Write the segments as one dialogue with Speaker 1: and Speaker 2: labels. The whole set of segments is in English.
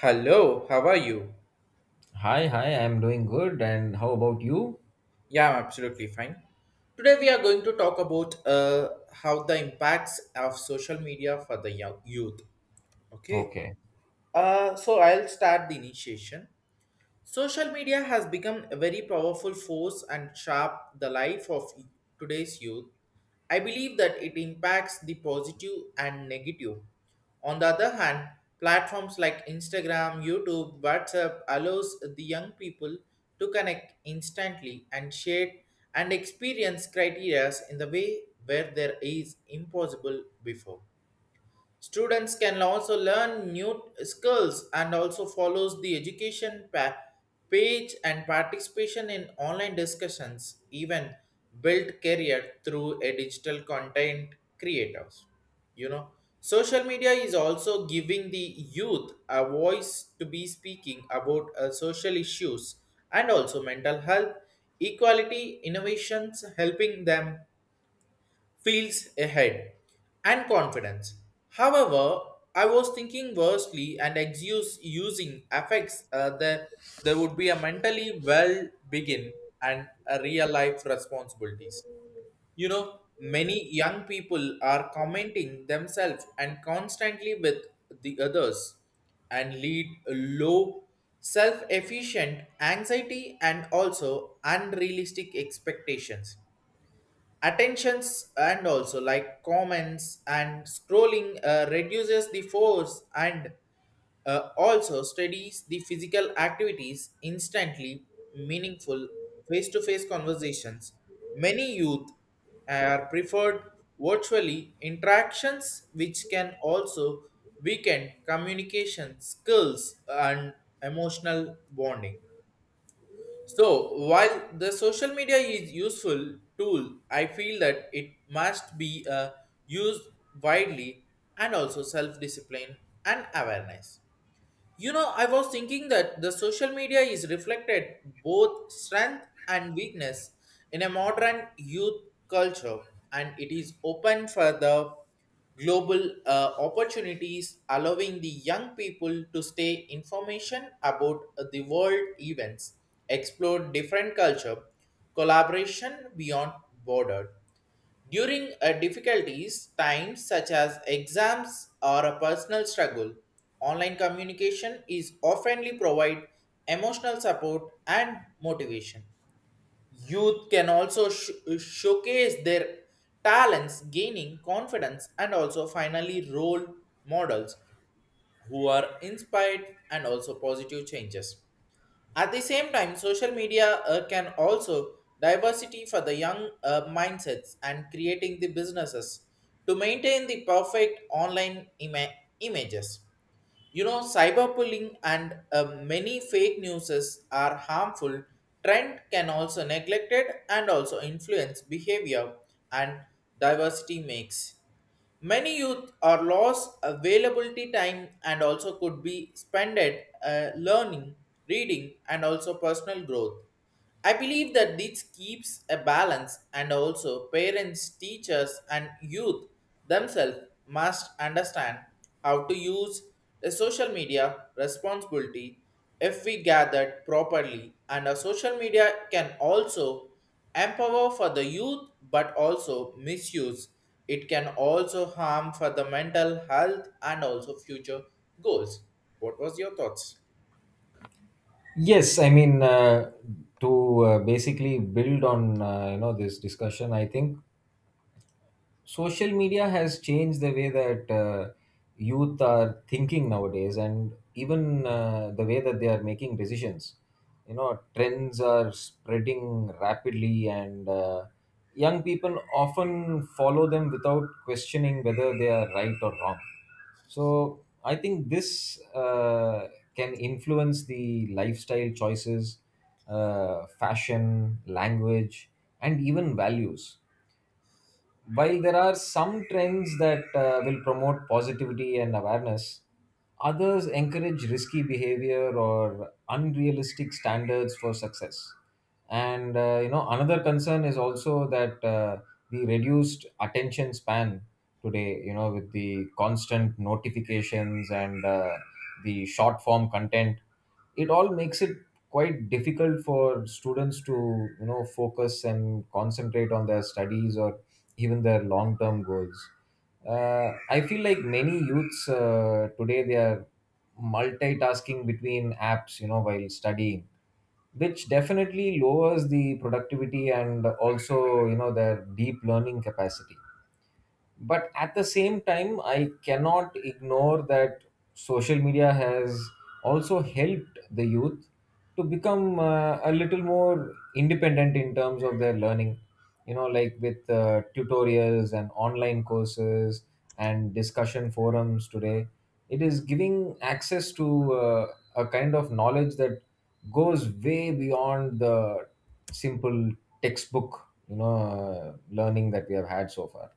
Speaker 1: Hello, how are you?
Speaker 2: Hi, I'm doing good. And how about you?
Speaker 1: Yeah, I'm absolutely fine. Today we are going to talk about how the impacts of social media for the young youth. Okay.
Speaker 2: Okay.
Speaker 1: So I'll start the initiation. Social media has become a very powerful force and shape the life of today's youth. I believe that it impacts the positive and negative. On the other hand, platforms like Instagram, YouTube, WhatsApp allows the young people to connect instantly and share and experience criteria in the way where there is impossible before. Students can also learn new skills and also follows the education page and participation in online discussions, even build career through a digital content creators. You know, social media is also giving the youth a voice to be speaking about social issues and also mental health, equality, innovations, helping them feels ahead and confidence. However, I was thinking worstly and excuse using affects the there would be a mentally well begin and a real life responsibilities. You know, many young people are commenting themselves and constantly with the others and lead a low self efficient anxiety and also unrealistic expectations attentions and also like comments and scrolling reduces the force and also studies the physical activities instantly meaningful face-to-face conversations many youth are preferred virtually interactions which can also weaken communication skills and emotional bonding so, while the social media is useful tool, I feel that it must be used widely and also self discipline and awareness. You know, I was thinking that the social media is reflected both strength and weakness in a modern youth culture, and it is open for the global opportunities, allowing the young people to stay information about the world events, explore different culture, collaboration beyond border. During a difficulties times such as exams or a personal struggle, online communication is oftenly provide emotional support and motivation. Youth can also showcase their talents, gaining confidence and also finally role models who are inspired and also positive changes. At the same time, social media can also diversity for the young mindsets and creating the businesses to maintain the perfect online images. You know, cyberbullying and many fake newses are harmful. Trend can also neglected and also influence behavior and diversity makes. Many youth are lost availability time and also could be spent at learning, reading, and also personal growth. I believe that this keeps a balance, and also parents, teachers, and youth themselves must understand how to use a social media responsibility if we gathered properly. And a social media can also empower for the youth but also misuse it can also harm for the mental health and also future goals. What was your thoughts?
Speaker 2: Yes, I mean, to basically build on, you know, this discussion, I think social media has changed the way that youth are thinking nowadays, and even the way that they are making decisions. You know, trends are spreading rapidly, and young people often follow them without questioning whether they are right or wrong. So I think this can influence the lifestyle choices, fashion, language, and even values. While there are some trends that will promote positivity and awareness, others encourage risky behavior or unrealistic standards for success. And you know, another concern is also that the reduced attention span today, you know, with the constant notifications and the short form content, it all makes it quite difficult for students to, you know, focus and concentrate on their studies or even their long term goals. I feel like many youths today, they are multitasking between apps, you know, while studying, which definitely lowers the productivity and also, you know, their deep learning capacity. But at the same time, I cannot ignore that social media has also helped the youth to become a little more independent in terms of their learning. You know, like with tutorials and online courses and discussion forums today, it is giving access to a kind of knowledge that goes way beyond the simple textbook, you know, learning that we have had so far.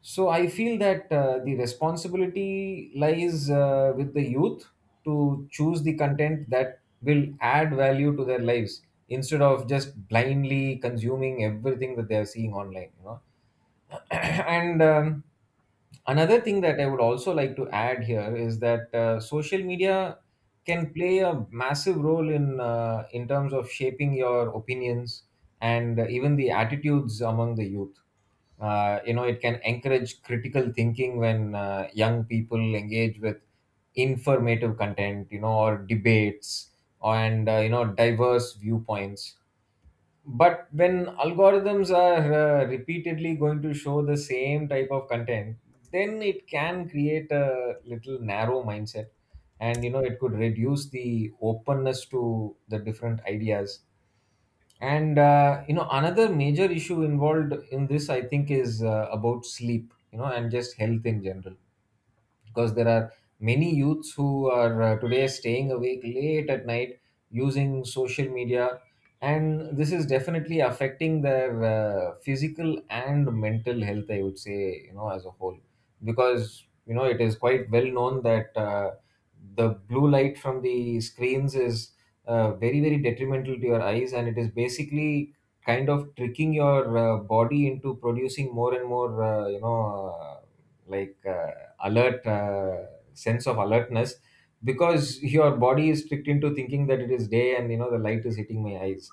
Speaker 2: So I feel that the responsibility lies with the youth to choose the content that will add value to their lives instead of just blindly consuming everything that they are seeing online. You know, and another thing that I would also like to add here is that social media can play a massive role in terms of shaping your opinions and even the attitudes among the youth. You know, it can encourage critical thinking when young people engage with informative content, you know, or debates and you know, diverse viewpoints. But when algorithms are repeatedly going to show the same type of content, then it can create a little narrow mindset, and you know, it could reduce the openness to the different ideas. And you know, another major issue involved in this, I think, is about sleep, you know, and just health in general, because there are many youths who are today staying awake late at night using social media, and this is definitely affecting their physical and mental health, I would say, you know, as a whole. Because you know, it is quite well known that the blue light from the screens is very very detrimental to your eyes, and it is basically kind of tricking your body into producing more and more, like uh, alert, sense of alertness, because your body is tricked into thinking that it is day and, you know, the light is hitting my eyes.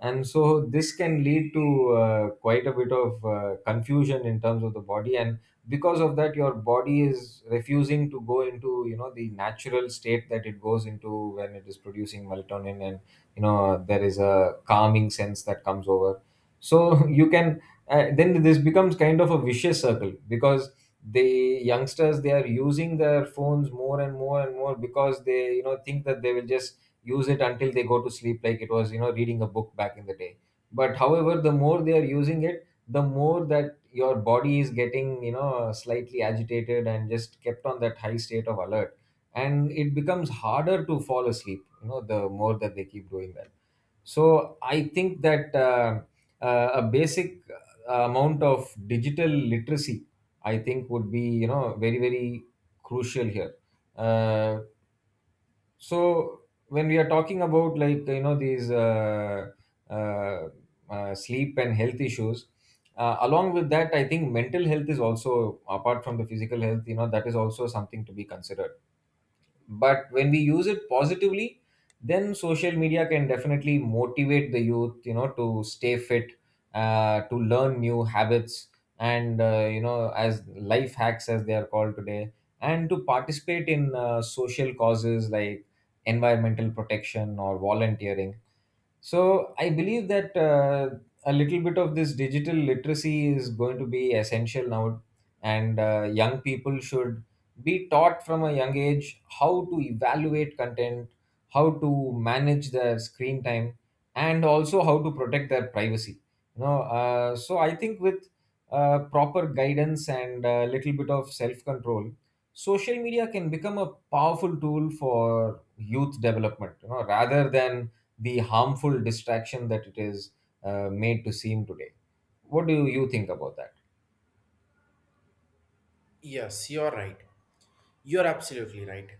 Speaker 2: And so this can lead to quite a bit of confusion in terms of the body, and because of that your body is refusing to go into, you know, the natural state that it goes into when it is producing melatonin, and you know, there is a calming sense that comes over. So you can then this becomes kind of a vicious circle, because the youngsters, they are using their phones more and more and more, because they, you know, think that they will just use it until they go to sleep, like it was, you know, reading a book back in the day. But however, the more they are using it, the more that your body is getting, you know, slightly agitated and just kept on that high state of alert, and it becomes harder to fall asleep, you know, the more that they keep doing that. So I think that a basic amount of digital literacy, I think, would be, you know, very very crucial here. uh, so when we are talking about, like, you know, these uh, sleep and health issues, along with that, I think mental health is also, apart from the physical health, you know, that is also something to be considered. But when we use it positively, then social media can definitely motivate the youth, you know, to stay fit, to learn new habits, and you know, as life hacks, as they are called today, and to participate in social causes like environmental protection or volunteering. So I believe that a little bit of this digital literacy is going to be essential now, and young people should be taught from a young age how to evaluate content, how to manage their screen time, and also how to protect their privacy. So I think with proper guidance and a little bit of self control, social media can become a powerful tool for youth development, you know, rather than the harmful distraction that it is made to seem today. What do you think about that?
Speaker 1: Yes, you're right. You're absolutely right.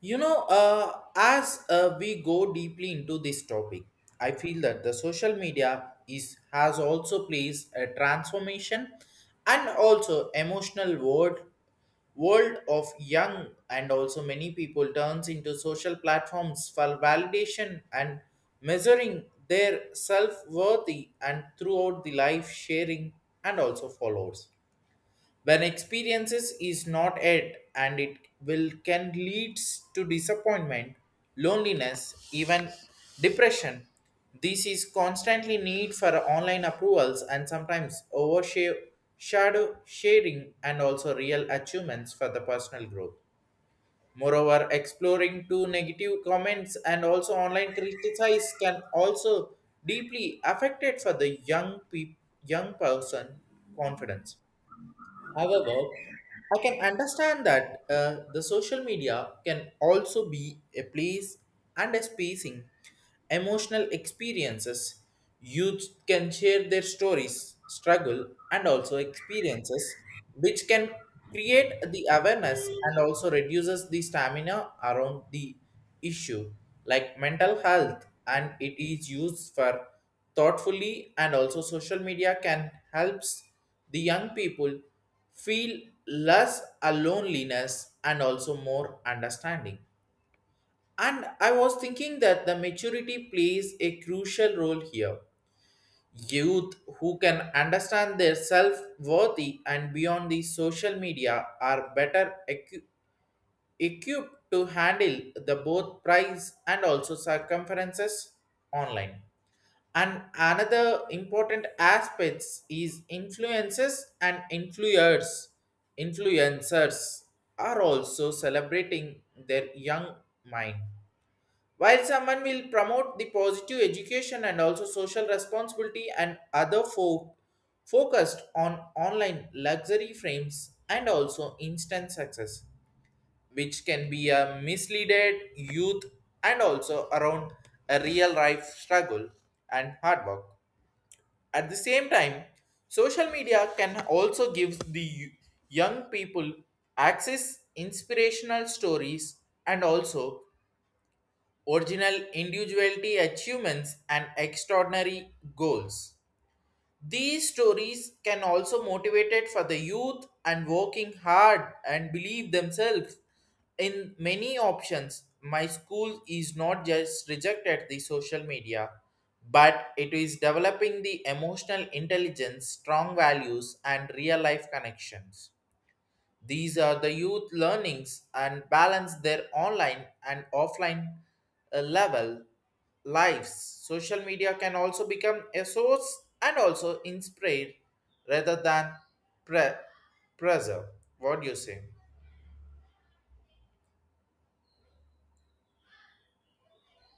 Speaker 1: You know, as we go deeply into this topic, I feel that the social media is has also plays a transformation and also emotional world of young and also many people turns into social platforms for validation and measuring their self-worthy and throughout the life sharing and also followers when experiences is not it and it will can leads to disappointment, loneliness, even depression. This is constantly need for online approvals and sometimes overshadow sharing and also real achievements for the personal growth. Moreover, exploring to negative comments and also online criticize can also deeply affected for the young person confidence. However, I can understand that the social media can also be a place and a spacing emotional experiences. Youth can share their stories, struggle, and also experiences, which can create the awareness and also reduces the stamina around the issue, like mental health, and it is used for thoughtfully and also social media can helps the young people feel less a loneliness and also more understanding. And I was thinking that the maturity plays a crucial role here. Youth who can understand their self worthy and beyond the social media are better equipped to handle the both price and also circumferences online. And another important aspects is influences and influencers. Influencers are also celebrating their young mind. While someone will promote the positive education and also social responsibility and other folk focused on online luxury frames and also instant success, which can be a misleaded youth and also around a real life struggle and hard work. At the same time, social media can also give the young people access inspirational stories and also original individuality achievements and extraordinary goals. These stories can also motivate it for the youth and working hard and believe themselves in many options. My school is not just rejected the social media, but it is developing the emotional intelligence, strong values, and real life connections. These are the youth learnings and balance their online and offline level lives. Social media can also become a source and also inspire rather than pre- preserve. What do you say?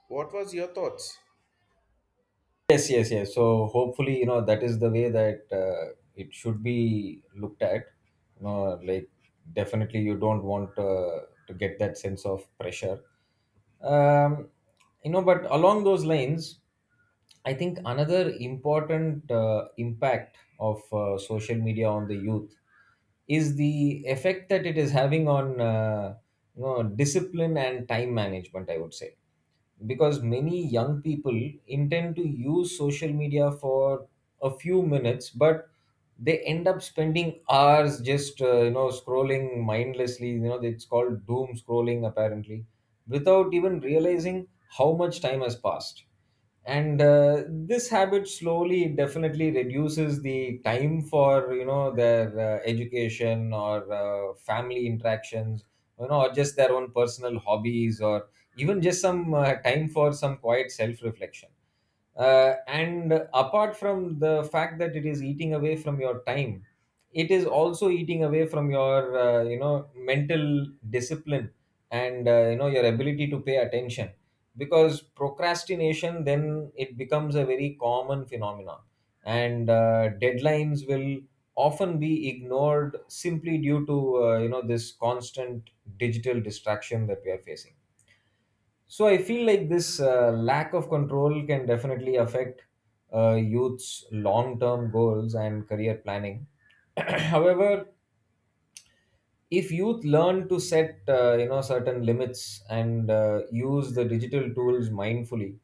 Speaker 1: What was your thoughts?
Speaker 2: Yes. So hopefully, you know, that is the way that it should be looked at. You know, like, definitely you don't want to get that sense of pressure. Um, you know, but along those lines, I think another important impact of social media on the youth is the effect that it is having on, you know, discipline and time management, I would say, because many young people intend to use social media for a few minutes, but they end up spending hours just, you know, scrolling mindlessly, you know, it's called doom scrolling apparently, without even realizing how much time has passed. And this habit slowly definitely reduces the time for, you know, their education or family interactions, you know, or just their own personal hobbies or even just some time for some quiet self reflection. And apart from the fact that it is eating away from your time, it is also eating away from your, you know, mental discipline and, you know, your ability to pay attention, because procrastination then, it becomes a very common phenomenon. And deadlines will often be ignored simply due to, you know, this constant digital distraction that we are facing. So I feel like this lack of control can definitely affect youth's long-term goals and career planning. However, if youth learn to set you know, certain limits and use the digital tools mindfully,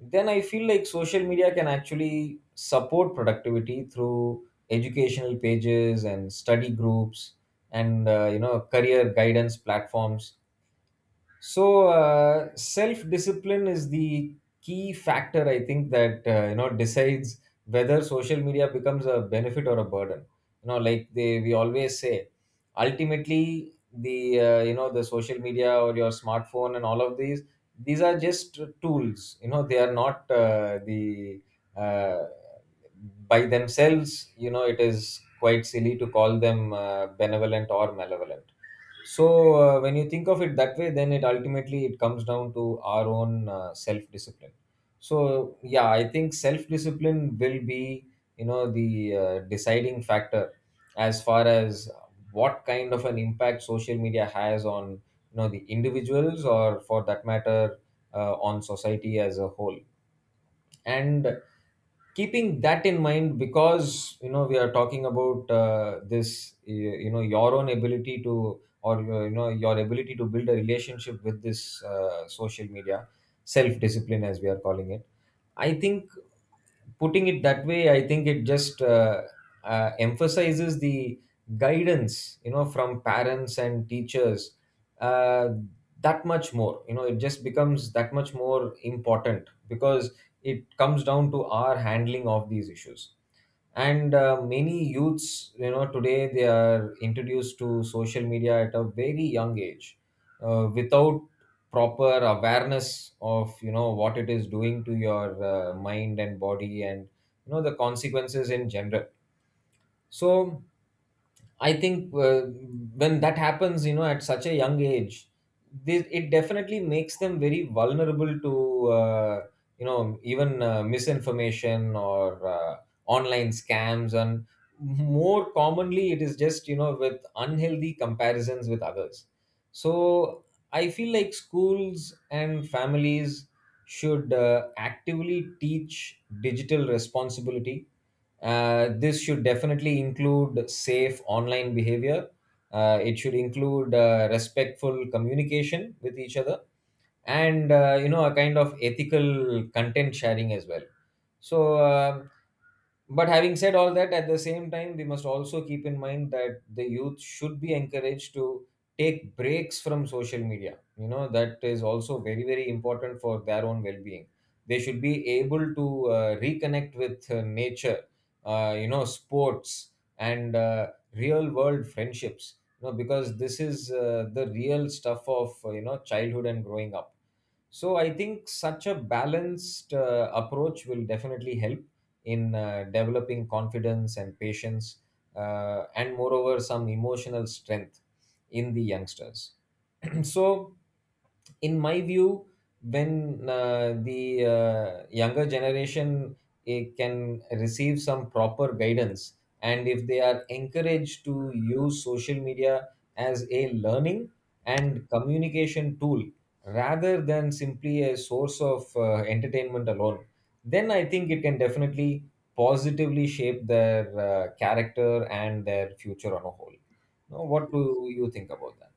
Speaker 2: then I feel like social media can actually support productivity through educational pages and study groups and you know, career guidance platforms. So self discipline is the key factor, I think, that you know, decides whether social media becomes a benefit or a burden. You know, like they we always say, ultimately the, you know, the social media or your smartphone and all of these are just tools. You know, they are not the uh, by themselves. You know, it is quite silly to call them benevolent or malevolent. So when you think of it that way, then it, ultimately it comes down to our own self discipline. So yeah, I think self discipline will be, you know, the deciding factor as far as what kind of an impact social media has on, you know, the individuals, or for that matter, on society as a whole. And keeping that in mind, because you know we are talking about this you know, your own ability to, or you know, your ability to build a relationship with this social media, self discipline, as we are calling it, I think, putting it that way, I think it just emphasizes the guidance, you know, from parents and teachers, uh, that much more. You know, it just becomes that much more important, because it comes down to our handling of these issues. And many youths, you know, today they are introduced to social media at a very young age, without proper awareness of, you know, what it is doing to your mind and body, and you know, the consequences in general. So I think when that happens, you know, at such a young age, this, it definitely makes them very vulnerable to, you know, even misinformation or online scams. And more commonly, it is just, you know, with unhealthy comparisons with others. So I feel like schools and families should actively teach digital responsibility. This should definitely include safe online behavior. It should include respectful communication with each other, and a kind of ethical content sharing as well. So um, but having said all that, at the same time, we must also keep in mind that the youth should be encouraged to take breaks from social media. You know, that is also very, very important for their own well being. They should be able to reconnect with nature, sports, and real world friendships, you know, because this is the real stuff of, childhood and growing up. So I think such a balanced approach will definitely help in developing confidence and patience, and moreover, some emotional strength in the youngsters. So in my view, when the younger generation can receive some proper guidance, and if they are encouraged to use social media as a learning and communication tool rather than simply a source of entertainment alone, then I think it can definitely positively shape their character and their future on a whole. Now what do you think about that?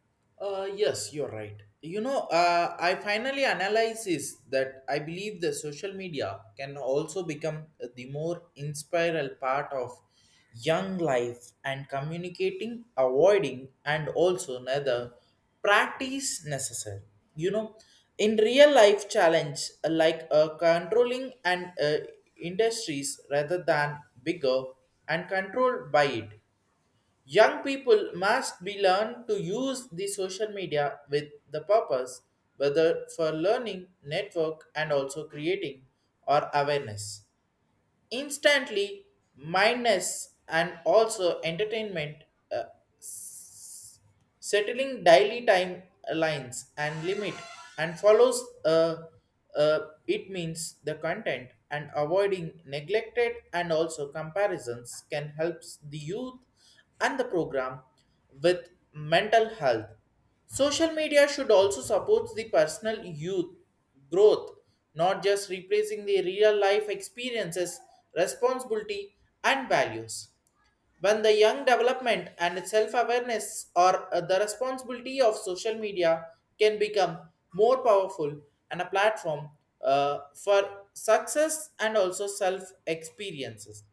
Speaker 1: Yes, you're right. You know, I finally analyze is that I believe the social media can also become the more inspiral part of young life and communicating, avoiding, and also another practice necessary. You know, in real life challenge like controlling and industries rather than bigger and controlled by it. Young people must be learned to use the social media with the purpose, whether for learning, network, and also creating or awareness. Instantly, mindness and also entertainment uh, settling daily time lines and limit and follows uh, it means the content and avoiding neglected and also comparisons can help the youth and the program with mental health. Social media should also support the personal youth growth, not just replacing the real life experiences, responsibility, and values. When the young development and self awareness or the responsibility of social media can become more powerful and a platform for success and also self experiences,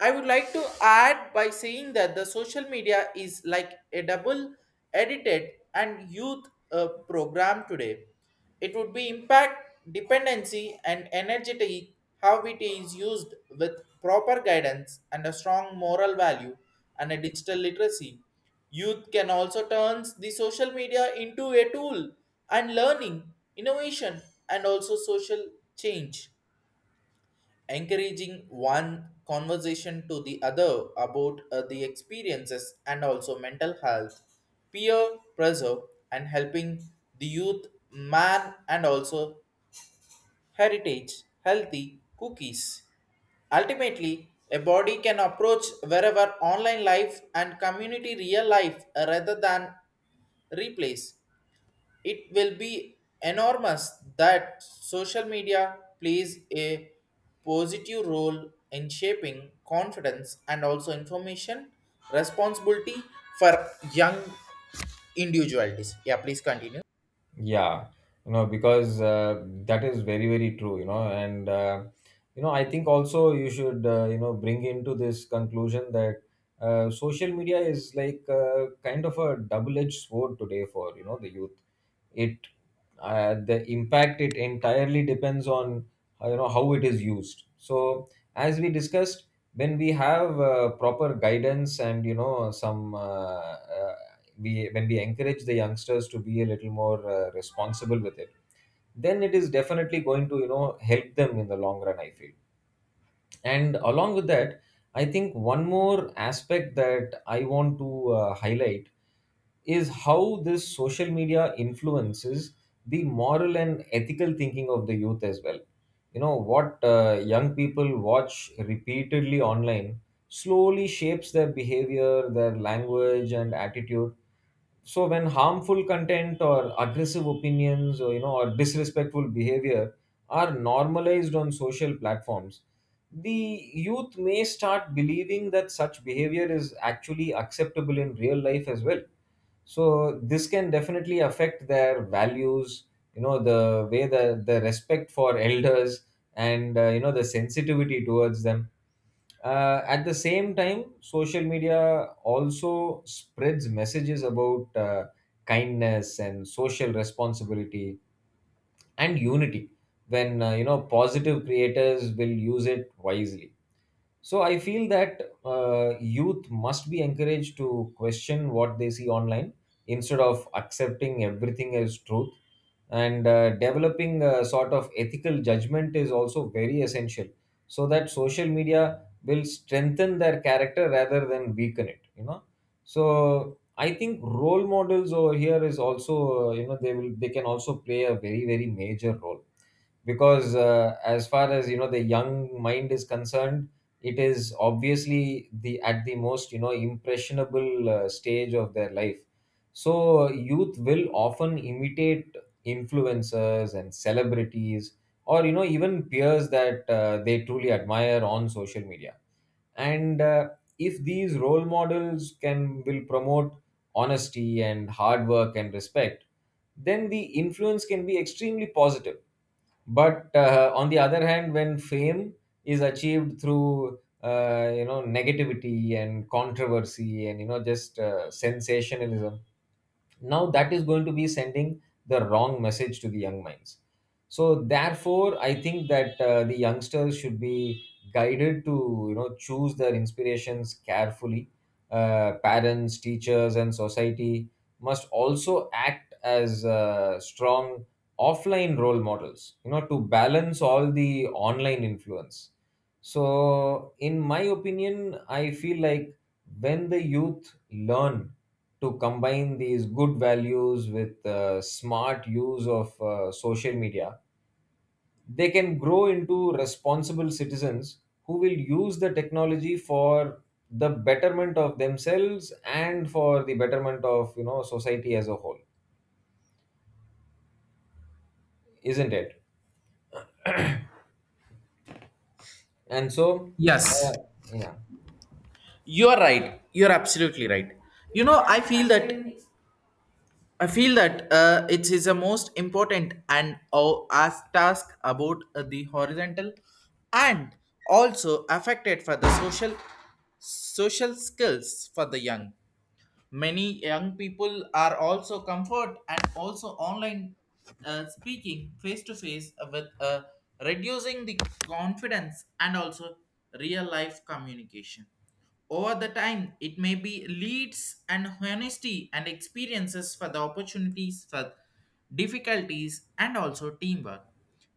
Speaker 1: I would like to add by saying that the social media is like a double edited and youth program today. It would be impact dependency and energy how it is used with proper guidance and a strong moral value and a digital literacy. Youth can also turn the social media into a tool and learning, innovation, and also social change, encouraging one conversation to the other about the experiences and also mental health, peer pressure, and helping the youth, man, and also heritage, healthy cookies. Ultimately, a body can approach wherever online life and community real life rather than replace it will be enormous that social media plays a positive role in shaping confidence and also information responsibility for young individualities. Yeah, please continue.
Speaker 2: Yeah, you know, because that is very, very true, you know, and I think also you should, bring into this conclusion that social media is like kind of a double-edged sword today for, you know, the youth. It, the impact it entirely depends on, how it is used. So, as we discussed, when we have proper guidance and, you know, some uh, we when we encourage the youngsters to be a little more responsible with it, then it is definitely going to, you know, help them in the long run, I feel. And along with that, I think one more aspect that I want to highlight is how this social media influences the moral and ethical thinking of the youth as well. You know, what young people watch repeatedly online slowly shapes their behavior, their language and attitude. So when harmful content or aggressive opinions or, you know, or disrespectful behavior are normalized on social platforms, the youth may start believing that such behavior is actually acceptable in real life as well. So this can definitely affect their values, you know, the way the respect for elders and, the sensitivity towards them. At the same time, social media also spreads messages about kindness and social responsibility and unity, when, positive creators will use it wisely. So I feel that youth must be encouraged to question what they see online instead of accepting everything as truth. And developing a sort of ethical judgment is also very essential, so that social media will strengthen their character rather than weaken it, you know. So I think role models over here is also, they will they can also play a very, very major role, because as far as, you know, the young mind is concerned, it is obviously the at the most, you know, impressionable stage of their life. So youth will often imitate influencers and celebrities, or, you know, even peers that they truly admire on social media. And if these role models can will promote honesty and hard work and respect, then the influence can be extremely positive. But on the other hand, when fame is achieved through, negativity and controversy and, you know just sensationalism, now that is going to be sending the wrong message to the young minds. So therefore, I think that the youngsters should be guided to, you know, choose their inspirations carefully. Parents, teachers and society must also act as strong offline role models, you know, to balance all the online influence. So, in my opinion, I feel like when the youth learn to combine these good values with smart use of social media, they can grow into responsible citizens who will use the technology for the betterment of themselves and for the betterment of, you know, society as a whole, isn't it? And
Speaker 1: Yes,
Speaker 2: uh, yeah.
Speaker 1: you are right. You're absolutely right. You know, I feel that it is the most important and as task about the horizontal and also affected for the social skills for the young. Many young people are also comfort and also online speaking face to face with reducing the confidence and also real life communication. Over the time, it may be leads and honesty and experiences for the opportunities for difficulties and also teamwork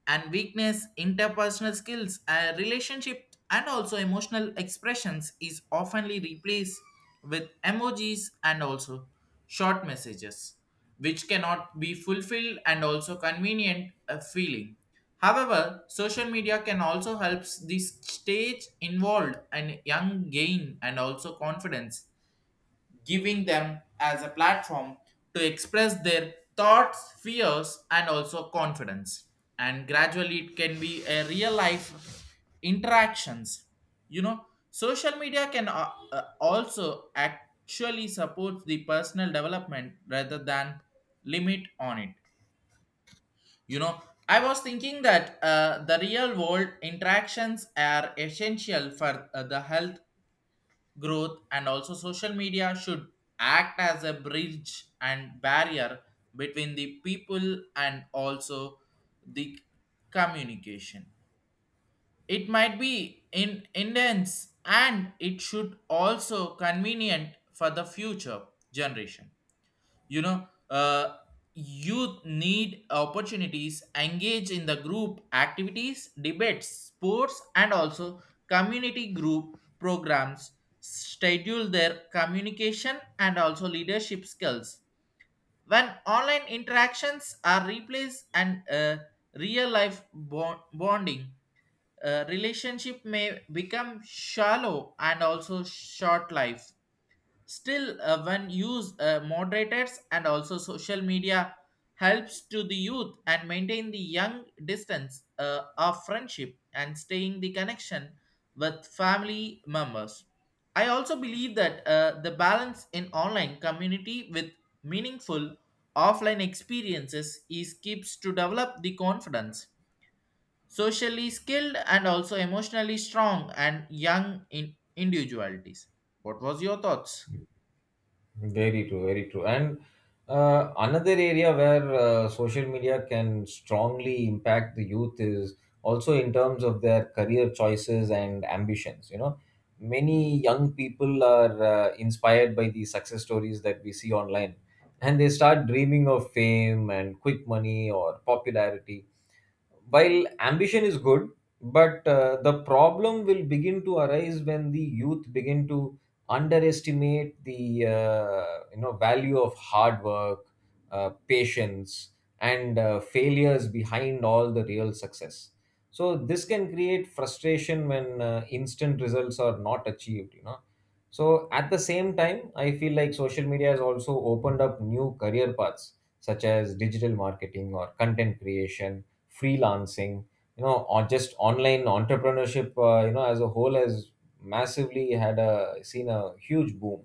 Speaker 1: and weakness, interpersonal skills, relationship, and also emotional expressions is oftenly replaced with emojis and also short messages, which cannot be fulfilled and also convenient feeling. However, social media can also help the stage involved and young gain and also confidence, giving them as a platform to express their thoughts, fears, and also confidence. And gradually, it can be a real life interactions. You know, social media can also actually support the personal development rather than limit on it. You know, I was thinking that the real world interactions are essential for the health growth and also social media should act as a bridge and barrier between the people and also the communication. It might be in intense and it should also convenient for the future generation. You know, youth need opportunities engage in the group activities, debates, sports, and also community group programs, schedule their communication and also leadership skills. When online interactions are replaced and real life bonding, relationship may become shallow and also short life. Still, when used, moderators and also social media helps to the youth and maintain the young distance of friendship and staying the connection with family members. I also believe that the balance in online community with meaningful offline experiences is keeps to develop the confidence, socially skilled and also emotionally strong and young in individualities. What was your thoughts?
Speaker 2: Very true, very true. And another area where social media can strongly impact the youth is also in terms of their career choices and ambitions. You know, many young people are inspired by the success stories that we see online, and they start dreaming of fame and quick money or popularity. While ambition is good, but the problem will begin to arise when the youth begin to underestimate the, value of hard work, patience, and failures behind all the real success. So this can create frustration when instant results are not achieved, you know. So at the same time, I feel like social media has also opened up new career paths, such as digital marketing or content creation, freelancing, you know, or just online entrepreneurship, as a whole has massively had a seen a huge boom.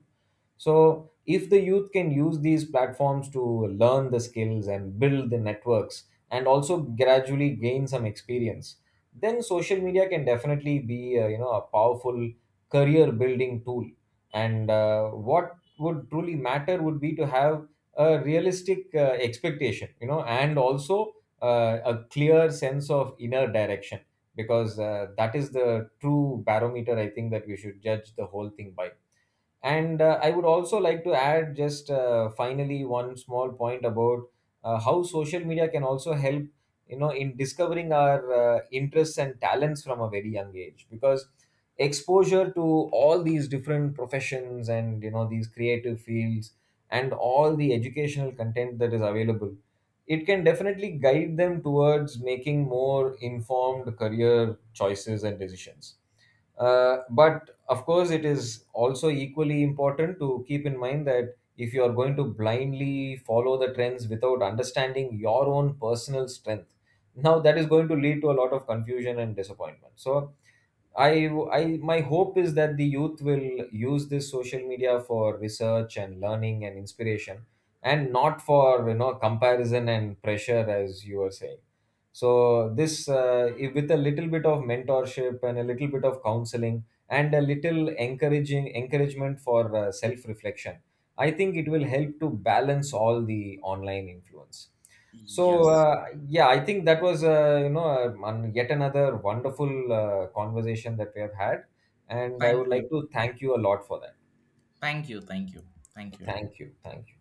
Speaker 2: So, if the youth can use these platforms to learn the skills and build the networks and also gradually gain some experience, then social media can definitely be, a powerful career building tool. And what would truly matter would be to have a realistic expectation, you know, and also a clear sense of inner direction, because that is the true barometer I think that we should judge the whole thing by. And I would also like to add just finally one small point about how social media can also help, you know, in discovering our interests and talents from a very young age. Because exposure to all these different professions and, you know, these creative fields and all the educational content that is available, it can definitely guide them towards making more informed career choices and decisions. But of course, it is also equally important to keep in mind that if you are going to blindly follow the trends without understanding your own personal strength, now that is going to lead to a lot of confusion and disappointment. So I my hope is that the youth will use this social media for research and learning and inspiration, and not for, you know, comparison and pressure, as you were saying. So this, if with a little bit of mentorship and a little bit of counseling and a little encouraging encouragement for self reflection, I think it will help to balance all the online influence. So
Speaker 1: Yes.
Speaker 2: yeah, I think that was, yet another wonderful conversation that we have had, and I would
Speaker 1: Thank
Speaker 2: like
Speaker 1: you.
Speaker 2: to thank you a lot for that.
Speaker 1: Thank you. Thank you. Thank you a lot.
Speaker 2: Thank you, thank you.